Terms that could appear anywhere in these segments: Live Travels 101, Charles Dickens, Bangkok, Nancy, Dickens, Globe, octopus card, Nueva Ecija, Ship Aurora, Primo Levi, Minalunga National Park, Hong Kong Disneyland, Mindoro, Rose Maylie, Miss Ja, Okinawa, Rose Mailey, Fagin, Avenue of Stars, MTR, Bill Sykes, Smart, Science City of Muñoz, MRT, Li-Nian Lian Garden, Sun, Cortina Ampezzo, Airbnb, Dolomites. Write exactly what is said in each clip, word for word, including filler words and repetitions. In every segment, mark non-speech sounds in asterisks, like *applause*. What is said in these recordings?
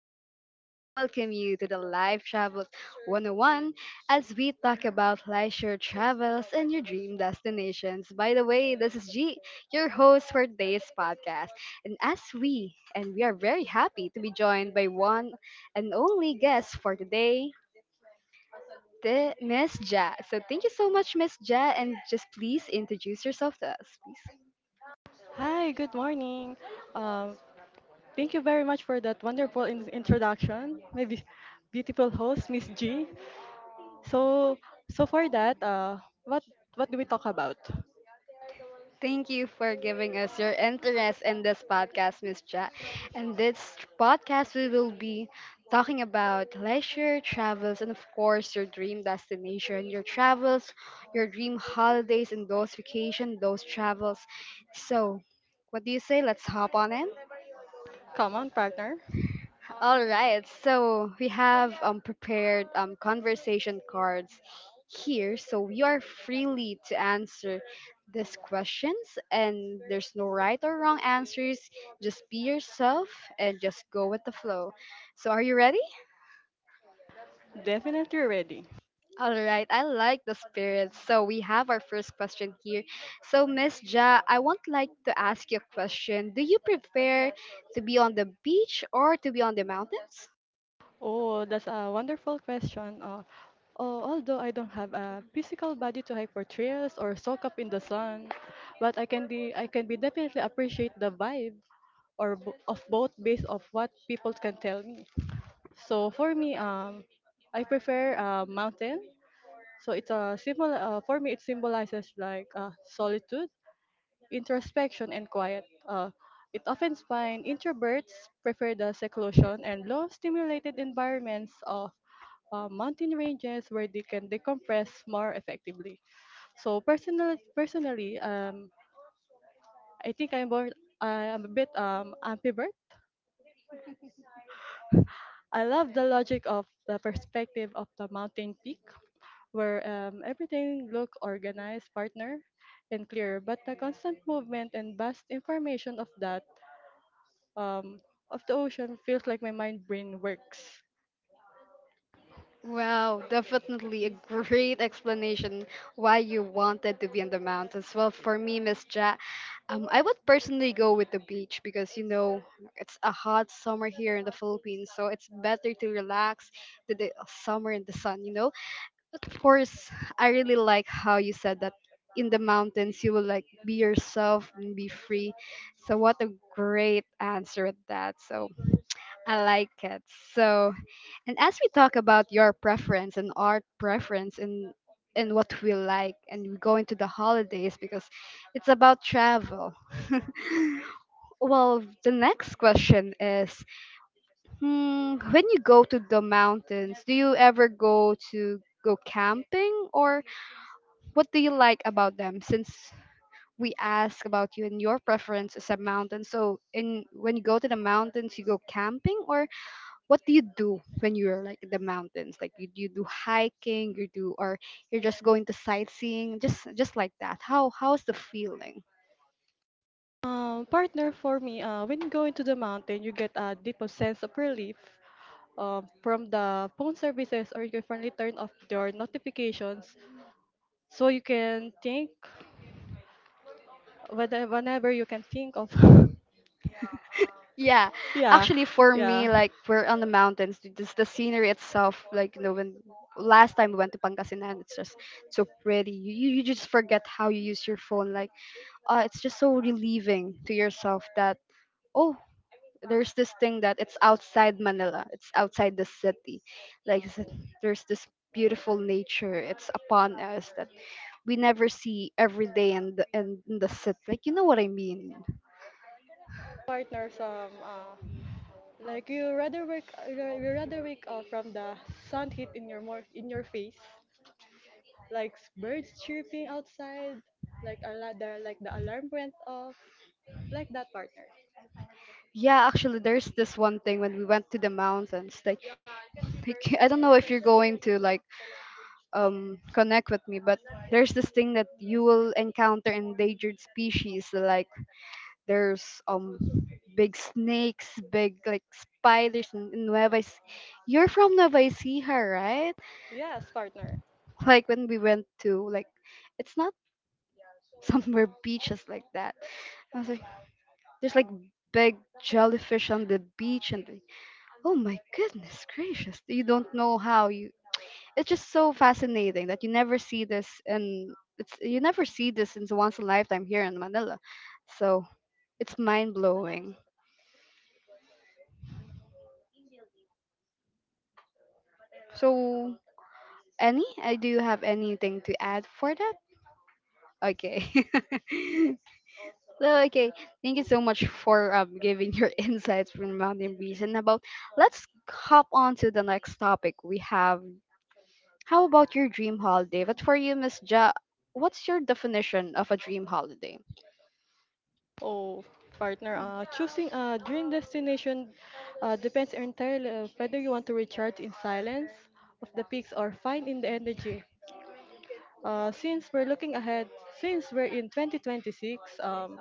gentlemen, as we welcome you to the Live Travels one oh one as we talk about leisure travels and your dream destinations. By the way, this is G, your host for today's podcast. And as we, and we are very happy to be joined by one and only guest for today, the Miss Ja. So thank you so much, Miss Ja, and just please introduce yourself to us, please. Hi, good morning. Um, Thank you very much for that wonderful in- introduction, my be- beautiful host, Miss G. So, so for that, uh, what what do we talk about? Thank you for giving us your interest in this podcast, Miss Ja. And this podcast, we will be talking about leisure, travels, and of course, your dream destination, your travels, your dream holidays, and those vacation, those travels. So, what do you say? Let's hop on in. Come on, partner. All right, so we have um, prepared um, conversation cards here, so you are freely to answer these questions, and there's no right or wrong answers. Just be yourself and just go with the flow. So, are you ready? Definitely ready. All right, I like the spirit. So, we have our first question here. So, Miss Ja, I would like to ask you a question. Do you prefer to be on the beach or to be on the mountains? Oh, that's a wonderful question. Uh, oh, although I don't have a physical body to hike for trails or soak up in the sun, but I can be I can be definitely appreciate the vibe or bo- of both based of what people can tell me. So for me, um, I prefer uh, mountain. So it's a symbol. Uh, for me, it symbolizes like uh, solitude, introspection, and quiet. Uh, it often finds introverts prefer the seclusion and low stimulated environments of uh, mountain ranges where they can decompress more effectively. So personal, personally, um, I think I'm more, I'm a bit um ambivert. I love the logic of the perspective of the mountain peak where um, everything looked organized, partner, and clear. But the constant movement and vast information of that um, of the ocean feels like my mind brain works. Wow, definitely a great explanation why you wanted to be in the mountains. Well, for me, Miss Ja, um, I would personally go with the beach because you know it's a hot summer here in the Philippines, so it's better to relax to the summer in the sun, you know. But of course, I really like how you said that in the mountains you will like be yourself and be free. So what a great answer at that. So I like it. So and as we talk about your preference and art preference and and what we like and we go into the holidays because it's about travel. *laughs* Well, the next question is hmm, when you go to the mountains, do you ever go to go camping or what do you like about them since we ask about you and your preference is a mountain. So in when you go to the mountains, you go camping or what do you do when you're like in the mountains? Like you, you do hiking, you do or you're just going to sightseeing, just just like that. How how's the feeling? Um, partner, for me, uh, when you go into the mountain, you get a deep sense of relief um, from the phone services, or you can finally turn off your notifications so you can think whether whenever you can think of Yeah, *laughs* yeah actually for yeah me, like we're on the mountains, th- just the scenery itself. Like you know, when last time we went to Pangasinan, it's just so pretty. You you you just forget how you use your phone. Like uh, it's just so relieving to yourself that. Oh, there's this thing that it's outside Manila. It's outside the city. Like I said, there's this beautiful nature. It's upon us that we never see every day in the in in the city. Like you know what I mean? partners um uh, like you rather wake uh, you rather wake up from the sun heat in your more in your face, like s- birds chirping outside, like a la- the like the alarm went off, like that partner. Yeah, actually, there's this one thing when we went to the mountains. Like like, I don't know if you're going to like um connect with me, but there's this thing that you will encounter endangered species like there's um big snakes, big like spiders in, in Nueva Ecija. You're from Nueva Ecija, right? Yes, partner. Like when we went to like, it's not *laughs* somewhere beaches like that. I was like, there's like big jellyfish on the beach, and like, oh my goodness gracious, you don't know how you. It's just so fascinating that you never see this and it's you never see this in once in a lifetime here in Manila, so it's mind blowing. So any? Uh, do you have anything to add for that? Okay. *laughs* So okay, thank you so much for um, giving your *laughs* insights from Mountain Breeze and about. Let's hop on to the next topic. We have how about your dream holiday? But for you, Miss Ja, what's your definition of a dream holiday? Oh, partner. Uh, choosing a dream destination uh, depends entirely on whether you want to recharge in silence of the peaks or find in the energy. Uh, since we're looking ahead, since we're in twenty twenty-six. um,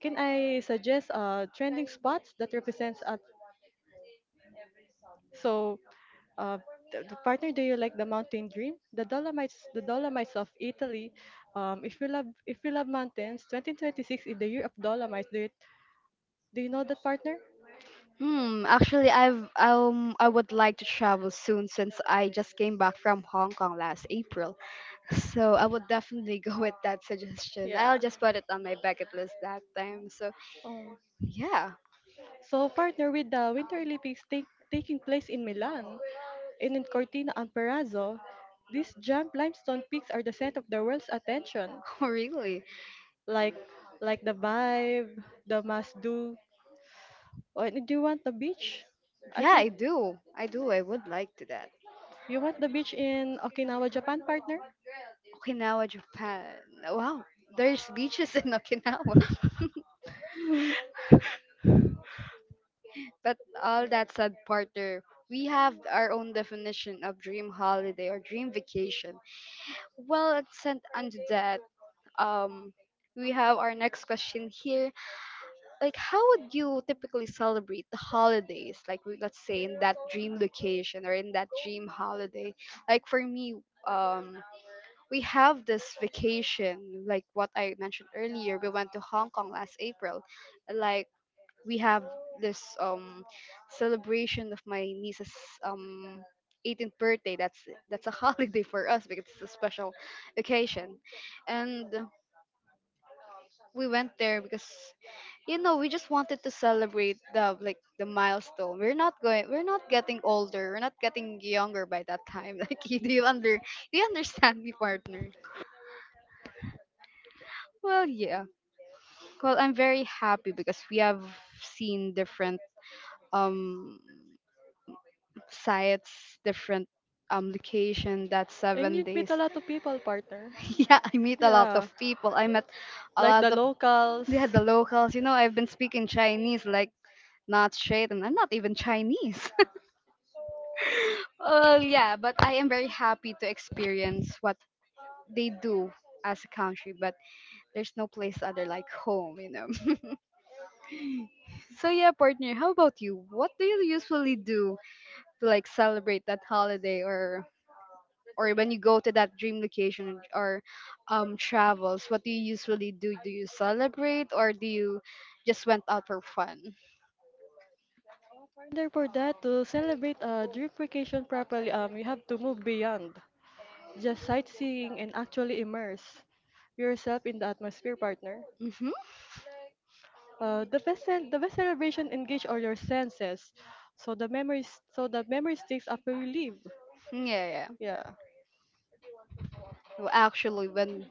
Can I suggest uh, trending spots that represents up? So, uh, the, the partner, do you like the mountain dream? The Dolomites, the Dolomites of Italy. Um, if you love, if you love mountains, twenty twenty-six is the year of Dolomites. Do you, do you know that, partner? Hmm. Actually, I've um I would like to travel soon since I just came back from Hong Kong last April. So I would definitely *laughs* go with that suggestion. Yeah. I'll just put it on my bucket list that time. So Um, yeah, So partner, with the Winter Olympics take, taking place in Milan and in Cortina Ampezzo, these jump limestone peaks are the center of the world's attention, *laughs* really. like like the vibe, the must do. Oh, do you want the beach? Yeah, Okay, I do. I do. I would like to that. you want the beach in Okinawa, Japan, partner? Okinawa, Japan. Wow, there's beaches in Okinawa. *laughs* But all that said, partner, we have our own definition of dream holiday or dream vacation. Well, let's send on to that. Um, we have our next question here. Like how would you typically celebrate the holidays like w- let's say in that dream location or in that dream holiday, like for me, um we have this vacation, like what I mentioned earlier, we went to Hong Kong last April. Like we have this um celebration of my niece's um eighteenth birthday. That's that's a *laughs* holiday for us because it's a special occasion. And we went there because you know we just wanted to celebrate the like the milestone. We're not going we're not getting older, we're not getting younger by that time. *laughs* Like do you under do you understand me, partner? Well, yeah, well, I'm very happy because we have seen different um sites, different um location that And seven you'd days meet a lot of people, partner. *laughs* Yeah, I meet a lot of Yeah, people, I met a like lot the of, locals. yeah, the locals, you know. I've been speaking Chinese like not straight and I'm not even Chinese. Well, yeah, but I am very happy to experience what they do as a country, but there's no place other like home, you know. *laughs* So yeah, partner, how about you? What do you usually do to like celebrate that holiday or or when you go to that dream location or um travels, what do you usually do? Do you celebrate or do you just went out for fun? Order for that to celebrate a drip vacation properly, um, you have to move beyond just sightseeing and actually immerse yourself in the atmosphere, partner. Mm-hmm. Uh, the best cel- the best celebration engage all your senses, so the memories so the memory sticks after you leave. Yeah, yeah. Yeah, Well, actually, when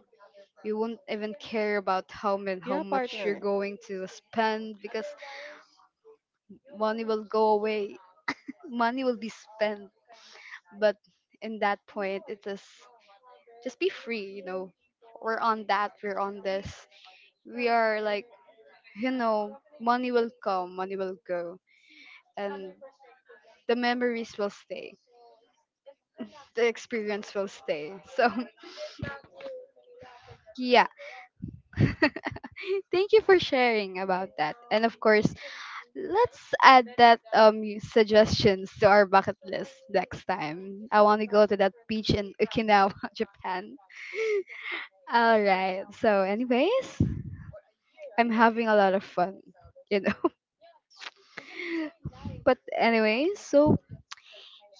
you won't even care about how and how yeah, much you're partner. going to spend because money will go away, money will be spent, but in that point it is just be free, you know. We're on that we're on this, we are like, you know, money will come, money will go, and the memories will stay, the experience will stay. So *laughs* yeah. *laughs* Thank you for sharing about that. And of course, let's add that um y- suggestions to our bucket list. Next time I want to go to that beach in Okinawa *laughs* Japan. All right. So, anyways, I'm having a lot of fun, you know. *laughs* But anyways, so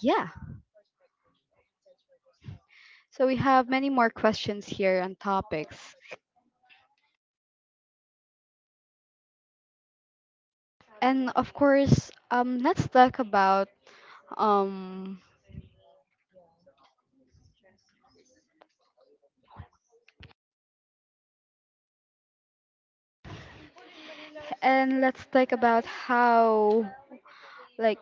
yeah. So we have many more questions here and topics. And of course, um let's talk about um and let's talk about how like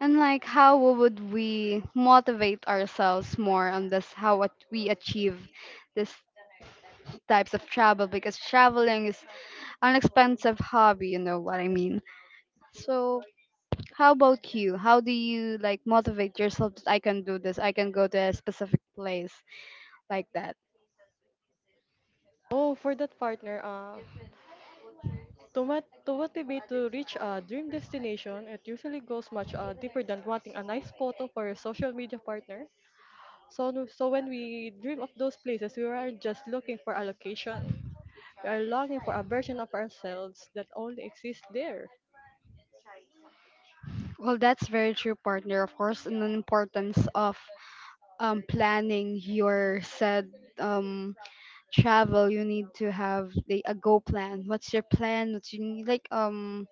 and like how would we motivate ourselves more on this, how what we achieve this types of travel, because traveling is an expensive hobby, you know what I mean. So how about you? How do you like motivate yourself that I can do this? I can go to a specific place like that. Oh, for that partner, uh, To, mot- to motivate to reach a dream destination, it usually goes much uh, deeper than wanting a nice photo for your social media, partner. So, no- so when we dream of those places, we aren't just looking for a location. We are longing for a version of ourselves that only exists there. Well, that's very true, partner. Of course, and the importance of um, planning your said um, travel. You need to have the, a go plan. What's your plan? What you need like um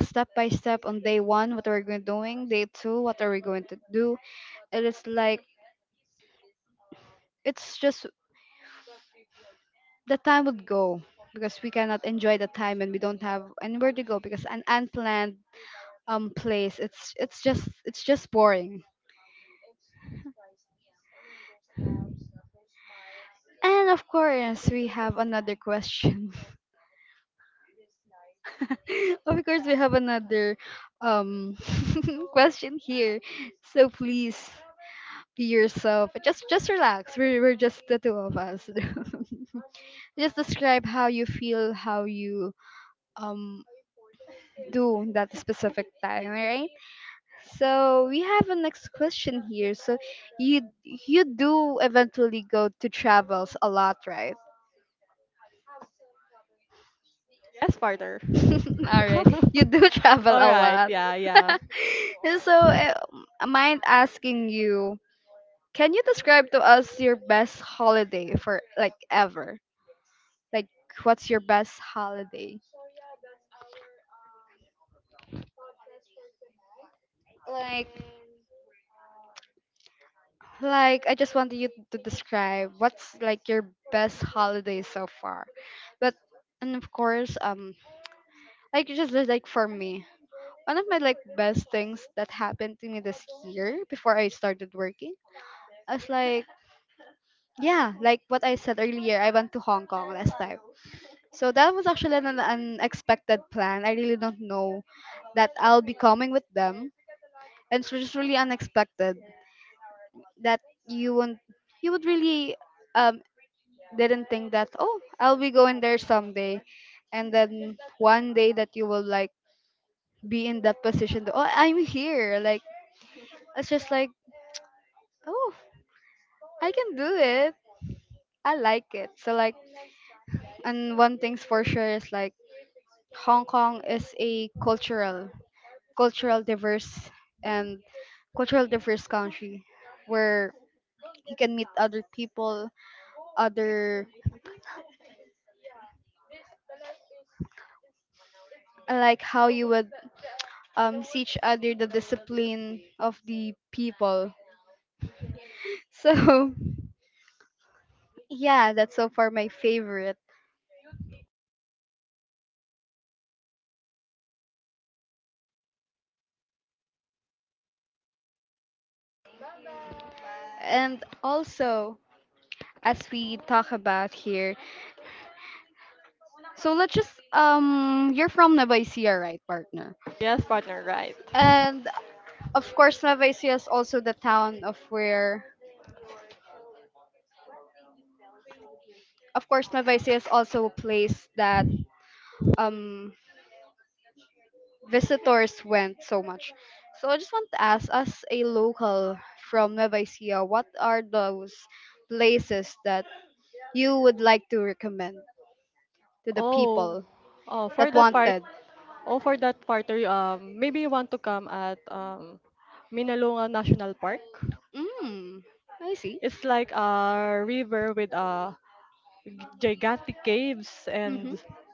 step by step on day one. What are we going doing? Day two, what are we going to do? It is like it's just the time would go because we cannot enjoy the time and we don't have anywhere to go because an unplanned um place, it's it's just it's just boring. And of course we have another question. *laughs* Of course we have another um *laughs* question here. So please be yourself, just just relax, we're, we're just the two of us. *laughs* Just describe how you feel, how you um do that specific time. Alright. So we have a next question here. So you you do eventually go to travels a lot, right? Yes, partner. *laughs* All *laughs* right, you do *laughs* travel All a right. lot. Yeah, yeah. *laughs* So uh, am I mind asking you, can you describe to us your best holiday for like ever? Like what's your best holiday? Like like I just wanted you to describe what's like your best holiday so far. But and of course um like just like for me, one of my like best things that happened to me this year before I started working. I was like, yeah, like what I said earlier, I went to Hong Kong last time. So that was actually an unexpected plan. I really don't know that I'll be coming with them, and it's just really unexpected that you won't, you would really um didn't think that, oh, I'll be going there someday, and then one day that you will like be in that position. To, oh, I'm here. Like it's just like, oh, I can do it. I like it. So like and one thing's for sure is like Hong Kong is a cultural cultural diverse and cultural diverse country where you can meet other people, other. I like how you would um see each other the discipline of the people. *laughs* So yeah, that's so far my favorite. And also as we talk about here So let's just um you're from Nueva Ecija, right, partner? Yes, partner. Right. And of course Nueva Ecija is also the town of where of course Nueva Ecija is also a place that um visitors went so much. So I just want to ask as a local from Nueva Ecija, what are those places that you would like to recommend to the Oh, people oh, for that that part. wanted? Oh, for that partner. Um, maybe you want to come at um, Minalunga National Park. Mm, I see. It's like a river with uh, gigantic caves and Mm-hmm.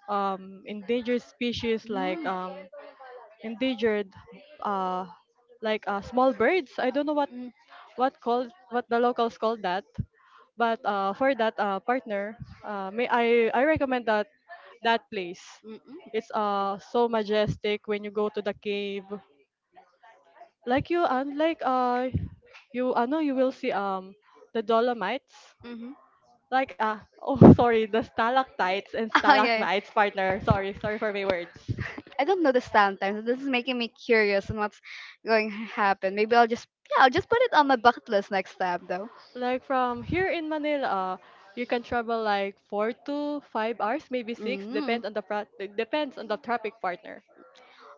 um, endangered species Mm. like Mm, um, endangered uh, like uh, small birds. I don't know what what called, what the locals call that, but uh, for that uh, partner, uh, may I I recommend that that place. mm, mm, It's uh so majestic when you go to the cave. Like you, and like uh you, I know you will see um the Dolomites mhm. like ah oh *laughs* sorry, the stalactites *laughs* and Ah, yeah, stalagmites, yeah. partner. Sorry, sorry for my words. I don't know the stand time, so this is making me curious on what's going to happen. Maybe I'll just Yeah, I'll just put it on my bucket list next time though. Like from here in Manila you can travel like four to five hours, maybe six, Mm. depends on the pra- depends on the traffic, partner.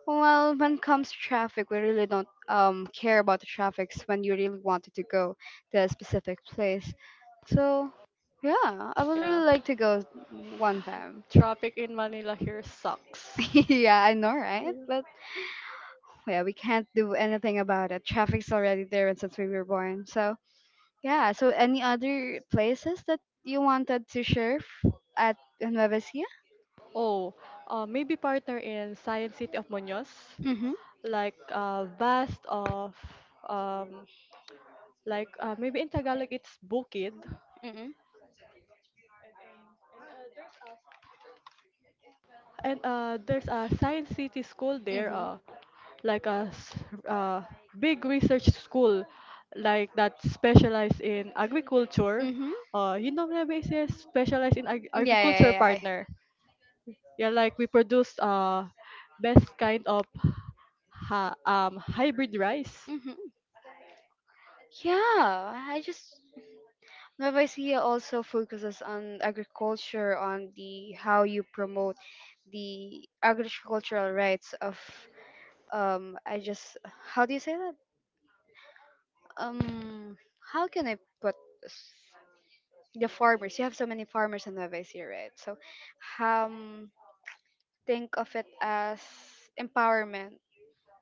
Well, when it comes to traffic, we really don't um care about the traffics when you really wanted to go to a specific place. So, yeah, I would Yeah, really like to go one time. traffic in Manila here sucks. *laughs* Yeah, I know, right? But yeah, we can't do anything about it. Traffic's already there and since we were born. So, yeah, so any other places that you wanted to share f- at Nueva Ecija? Oh, uh, maybe partner in Science City of Muñoz, Mm-hmm. like uh, vast of um like uh, maybe in Tagalog it's bukid. Mm-hmm. And uh, there's a Science City school there, Mm-hmm. uh, like a s- uh, big research school, like that specialize in agriculture. Mm-hmm. Uh, you know, na basis specialize in ag- Yeah, agriculture, yeah, partner. Yeah, like we produce uh best kind of ha- um hybrid rice. yeah. Mm-hmm. Yeah, I just Vavicea also focuses on agriculture, on the how you promote the agricultural rights of um. I just How do you say that? Um, how can I put this? The farmers? You have so many farmers in Vavicea, right? So, um, think of it as empowerment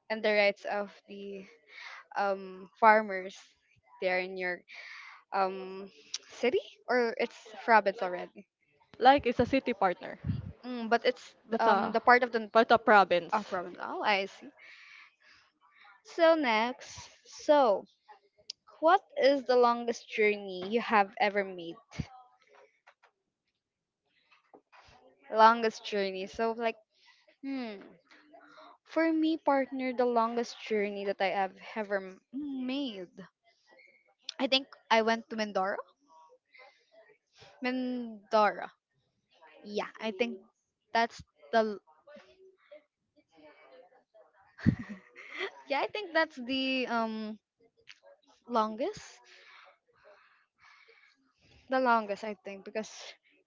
and the rights of the um, farmers there in your um, *tsk* city or it's province already. Like it's a city, partner, Mm, but it's but um, uh, the part of the part of province. oh, province. Oh, I see. So next, so what is the longest journey you have ever made? Longest journey. So like, hmm, for me, partner, the longest journey that I have ever m- made. I think I went to Mindoro. Mindoro. Yeah, I think that's the yeah, I think that's the um Longest? The longest, I think, because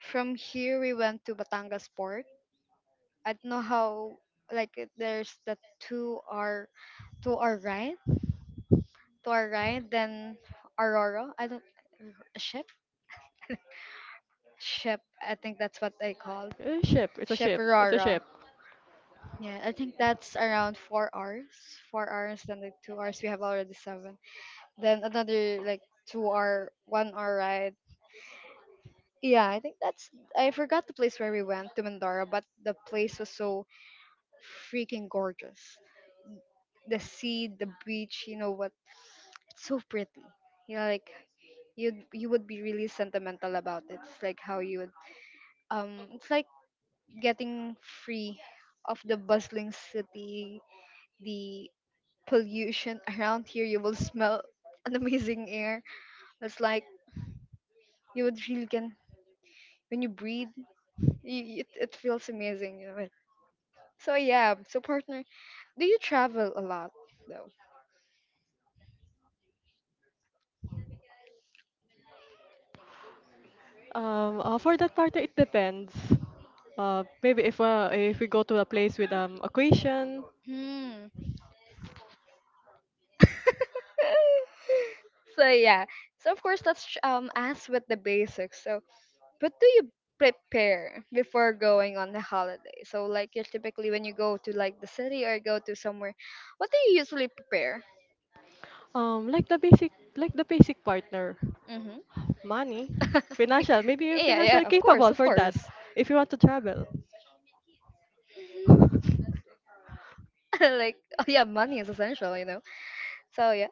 from here we went to Batangas Port. I don't know how, like, it- there's the two hour, two hour ride, to our right. Then Aurora. I don't, ship? Ship, I think that's what they call Eh, ship. It's a Ship ship. It's a ship. Aurora. Yeah, I think that's around four hours. Four hours, then like two hours, we have already seven. Then another, like, two hour, one hour ride. Yeah, I think that's. I forgot the place where we went to Mandara, but the place was so freaking gorgeous. The sea, the beach, you know what? It's so pretty. You know, like you you would be really sentimental about it. It's like how you would. Um, it's like getting free of the bustling city, the pollution *laughs* around here. You will smell an amazing air. It's like you would really can when you breathe. You, it it feels amazing. You know, so yeah, so partner, do you travel a lot though? Um, uh, for that part, it depends. Uh, maybe if uh, if we go to a place with um equation, Hmm. *laughs* So yeah, so of course let's ch- um ask with the basics. So, what do you prepare before going on the holiday? So like you typically when you go to like the city or go to somewhere, what do you usually prepare? um, like the basic, like the basic partner, Mm-hmm. money, financial. Maybe *laughs* you're Yeah, financial yeah, of course, capable of for that. course. If you want to travel, *laughs* Like oh yeah, money is essential, you know. So yeah,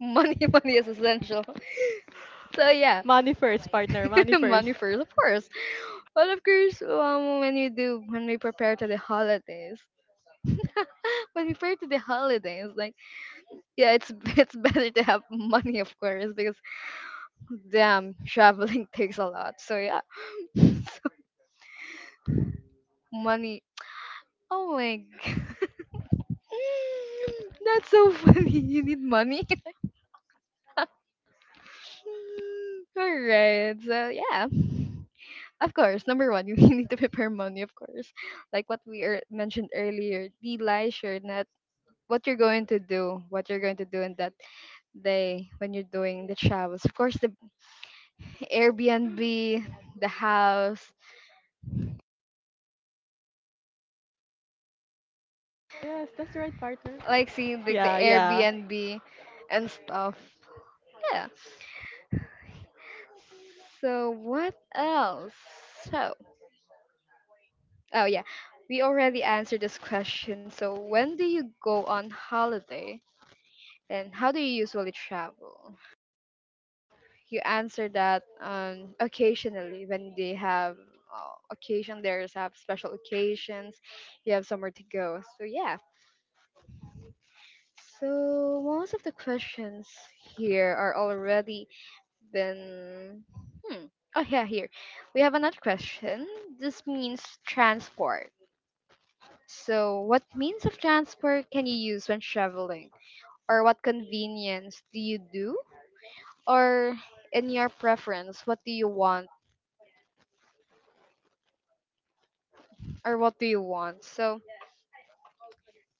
money, *laughs* money is essential. So yeah, money first, partner, *laughs* money first. money first, of course. Well, of course, um, when you do, when we prepare to the holidays, *laughs* when we prepare to the holidays, like yeah, it's *laughs* it's better to have money, of course, because damn, traveling *laughs* takes a lot. So yeah, *laughs* so, money. Oh my god, *laughs* that's so funny. You need money. *laughs* All right, so yeah. Of course, number one, *laughs* you need to prepare money, of course. Like what we er- mentioned earlier, the leisure net. What you're going to do, what you're going to do in that day when you're doing the travels. Of course, the Airbnb, the house, Yes, that's right, partner. like seeing like the Yeah, yeah. Airbnb and stuff. Yeah. So what else? So oh yeah, we already answered this question. So when do you go on holiday, and how do you usually travel? You answer that um, occasionally when they have uh, occasion there's have special occasions you have somewhere to go, so yeah, so most of the questions here are already been hmm. Oh yeah, here we have another question. This means transport. So what means of transport can you use when traveling, or what convenience do you do, or in your preference what do you want, or what do you want? So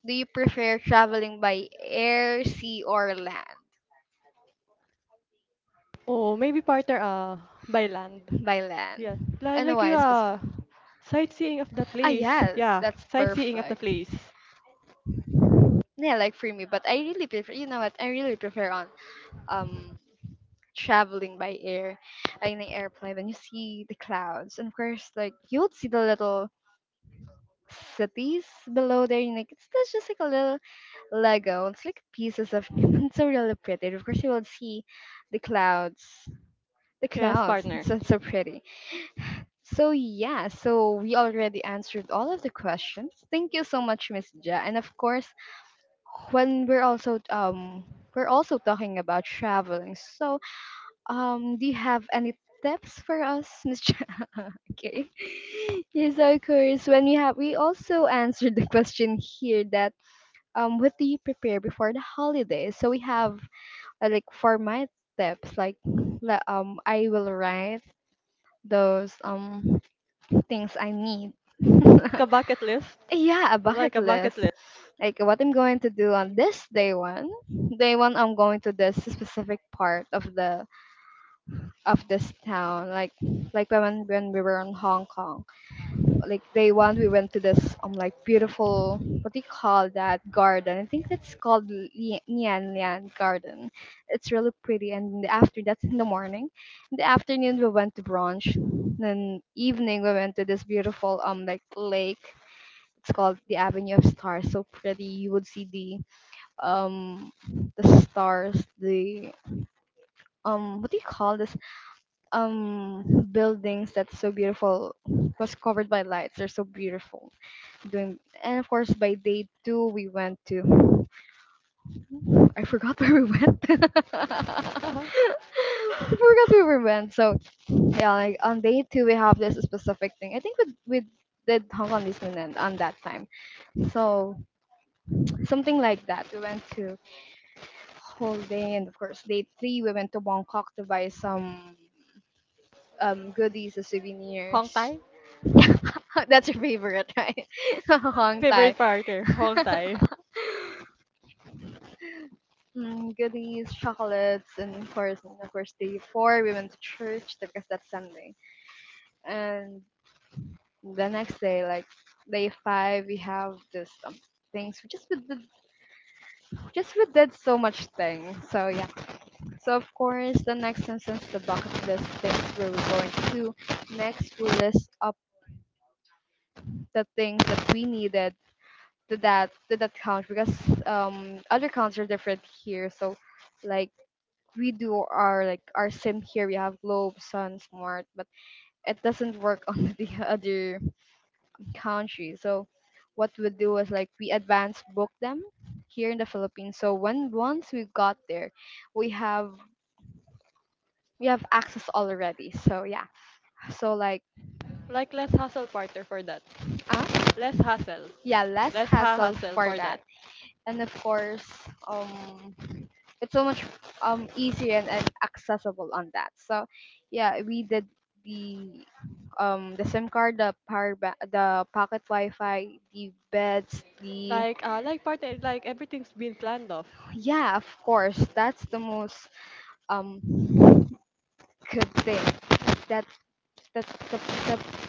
do you prefer traveling by air, sea, or land? Oh, maybe partner. Uh, by land. By Yeah, land. like Ano like you why specific? uh, sightseeing of the Ah, place. yeah, Yeah, that's sightseeing of the perfect. place. Yeah, like for me, but I really prefer. You know what? I really prefer on um traveling by air, like in an airplane. Then you see the clouds, and of course, like you would see the little cities below there. And like it's that's just like a little Lego. It's like pieces of. *laughs* It's so really pretty. And of course, you will see the clouds. The Yes, clouds. partner. It's so so pretty. So yeah, so we already answered all of the questions. Thank you so much, Miss Ja. And of course, when we're also um we're also talking about traveling. So um, do you have any tips for us, Miss Ja? *laughs* Okay. Yes, of course. When you have, we also answered the question here that um, what do you prepare before the holidays? So we have uh, like for my tips, like la- um, I will write those um things I need. *laughs* Ka bucket list. Yeah, a Like bucket a bucket list. list. Like what I'm going to do on this day one. Day one I'm going to this specific part of the of this town. Like like when when we were in Hong Kong. Like day one we went to this um like beautiful what do you call that garden? I think it's called Li- Nian Lian Garden. It's really pretty and in the after that's in the morning. In the afternoon we went to brunch. Then evening we went to this beautiful um like lake it's called the Avenue of Stars. So pretty. You would see the um the stars, the um what do you call this? Um buildings that's so beautiful was covered by lights. They're so beautiful. Doing and of course by day two we went to I forgot *laughs* where we went. *laughs* Uh-huh. I forgot where we went. So yeah, like on day two we have this specific thing. I think we we did Hong Kong Disneyland on that time. So something like that. We went to Holiday, and of course, day three, we went to Bangkok to buy some um, goodies as Hong souvenirs. Tai? *laughs* Yeah, that's your favorite, right? *laughs* Hong Thai. Favorite partner, Hong Tai. *laughs* Mm, goodies, chocolates, and of course, and of course, day four, we went to church because that's Sunday. And the next day, like day five, we have this um, things. We just we did, just we did so much things. So yeah. So of course, the next sentence, the bucket list things we were going to do. Next, we list up the things that we needed. Did that did that count? Because um, other counts are different here. So, like we do our like our sim here. We have globe, sun, smart, but it doesn't work *laughs* on the other country. So, what we do is like we advance book them here in the Philippines. So when once we got there, we have we have access already. So yeah. So like Like less hassle partner for that. ah, Less hassle. yeah, less Less ha hassle hassle for for that. that. And of course, um, it's so much um easier and, and accessible on that. So, yeah, we did the um the SIM card, the power ba- the pocket Wi-Fi, the beds, the Like uh like partner, like everything's been planned off. yeah, of course, that's the most um good thing. That that the, the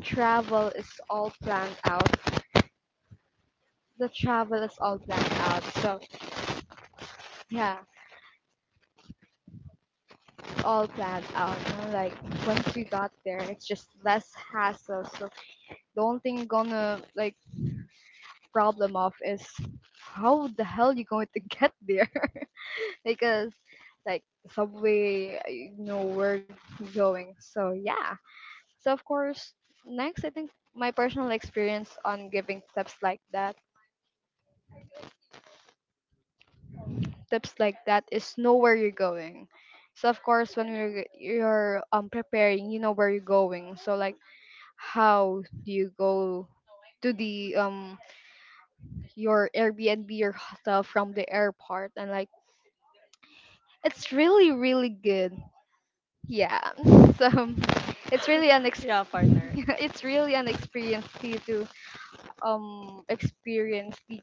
travel is all planned out. The travel is all planned out. So yeah, all planned out. And like once we got there, it's just less hassle. So the only thing you're gonna like problem of is how the hell you going to get there *laughs* because like the subway, uh, you know where you're going. So yeah. So of course, next I think my personal experience on giving tips like that, tips like that is know where you're going. So of course, when you're you're um preparing, you know where you're going. So like how do you go to the um your Airbnb or hotel from the airport, and like it's really really good. Yeah. *laughs* So it's really an *laughs* ex- Yeah, partner. *laughs* it's really an experience for you to um experience the,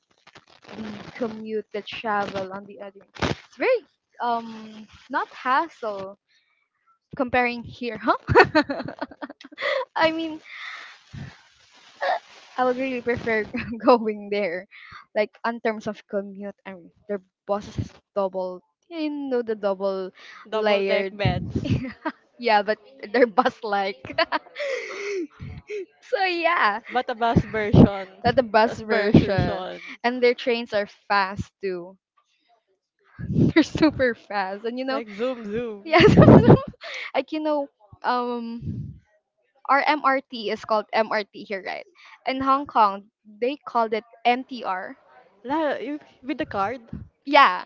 the commute, the travel on the other. It's very um not hassle comparing here, huh? *laughs* I mean I would really prefer *laughs* going there, like in terms of commute and their bosses is double, you know, the double Double deck layered. beds. *laughs* Yeah, but their bus like. *laughs* So yeah, But a bus version. that the bus Bus version, version. and their trains are fast too. *laughs* They're super fast, and you know, Like zoom zoom. yeah, *laughs* some- *laughs* some- like you know, um, our M R T is called M R T here, right? In Hong Kong, they called it M T R. La, you, with the card. Yeah,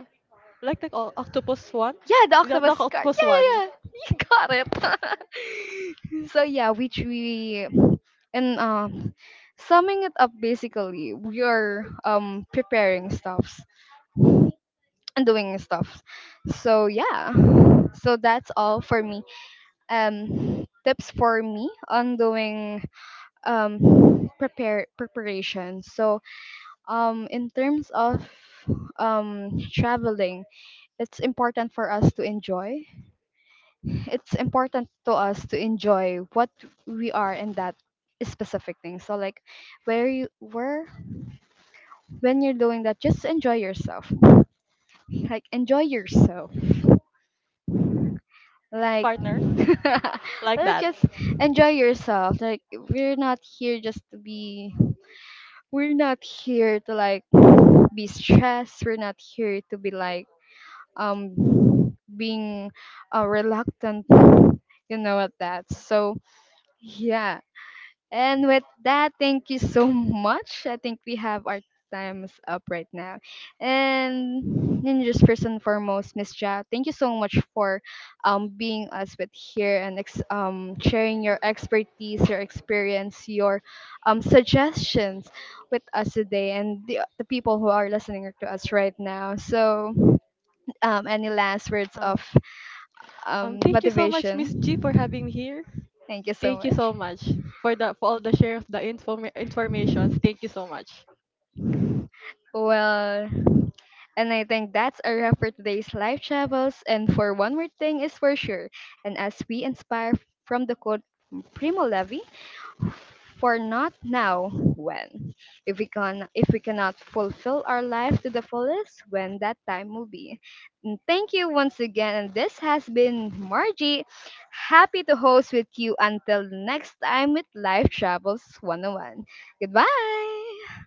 Like the o- octopus one. yeah, the The, the octopus card. octopus Yeah, one. yeah, yeah. *laughs* You got it. *laughs* So yeah, which we and um summing it up basically, we are um preparing stuffs and doing stuff. So yeah. So that's all for me. Um tips for me on doing um prepare preparation. So um in terms of um traveling, it's important for us to enjoy it's important to us to enjoy what we are in that specific thing. So like where you where when you're doing that, just enjoy yourself. Like enjoy yourself. Like *laughs* Partner. Like let's that. just enjoy yourself. Like we're not here just to be we're not here to like be stressed. We're not here to be like um being uh, reluctant you know at that. So yeah and with that, thank you so much. I think we have our times up right now. And then just first and foremost, Miss Ja, thank you so much for um being us with here and ex- um sharing your expertise, your experience, your um suggestions with us today and the, the people who are listening to us right now. So um any last words Um, of Um, um thank you so much, Miss G, motivation? for having me here. Thank you so Thank you much. so much for the for all the share of the inform informations. Thank you so much. Well, and I think that's a wrap for today's life travels. And for one more thing is for sure. And as we inspire from the quote from Primo Levi, for not now, when? If we can, if we cannot fulfill our life to the fullest, when that time will be. And thank you once again. And this has been Margie. Happy to host with you until next time with Life Travels one oh one. Goodbye.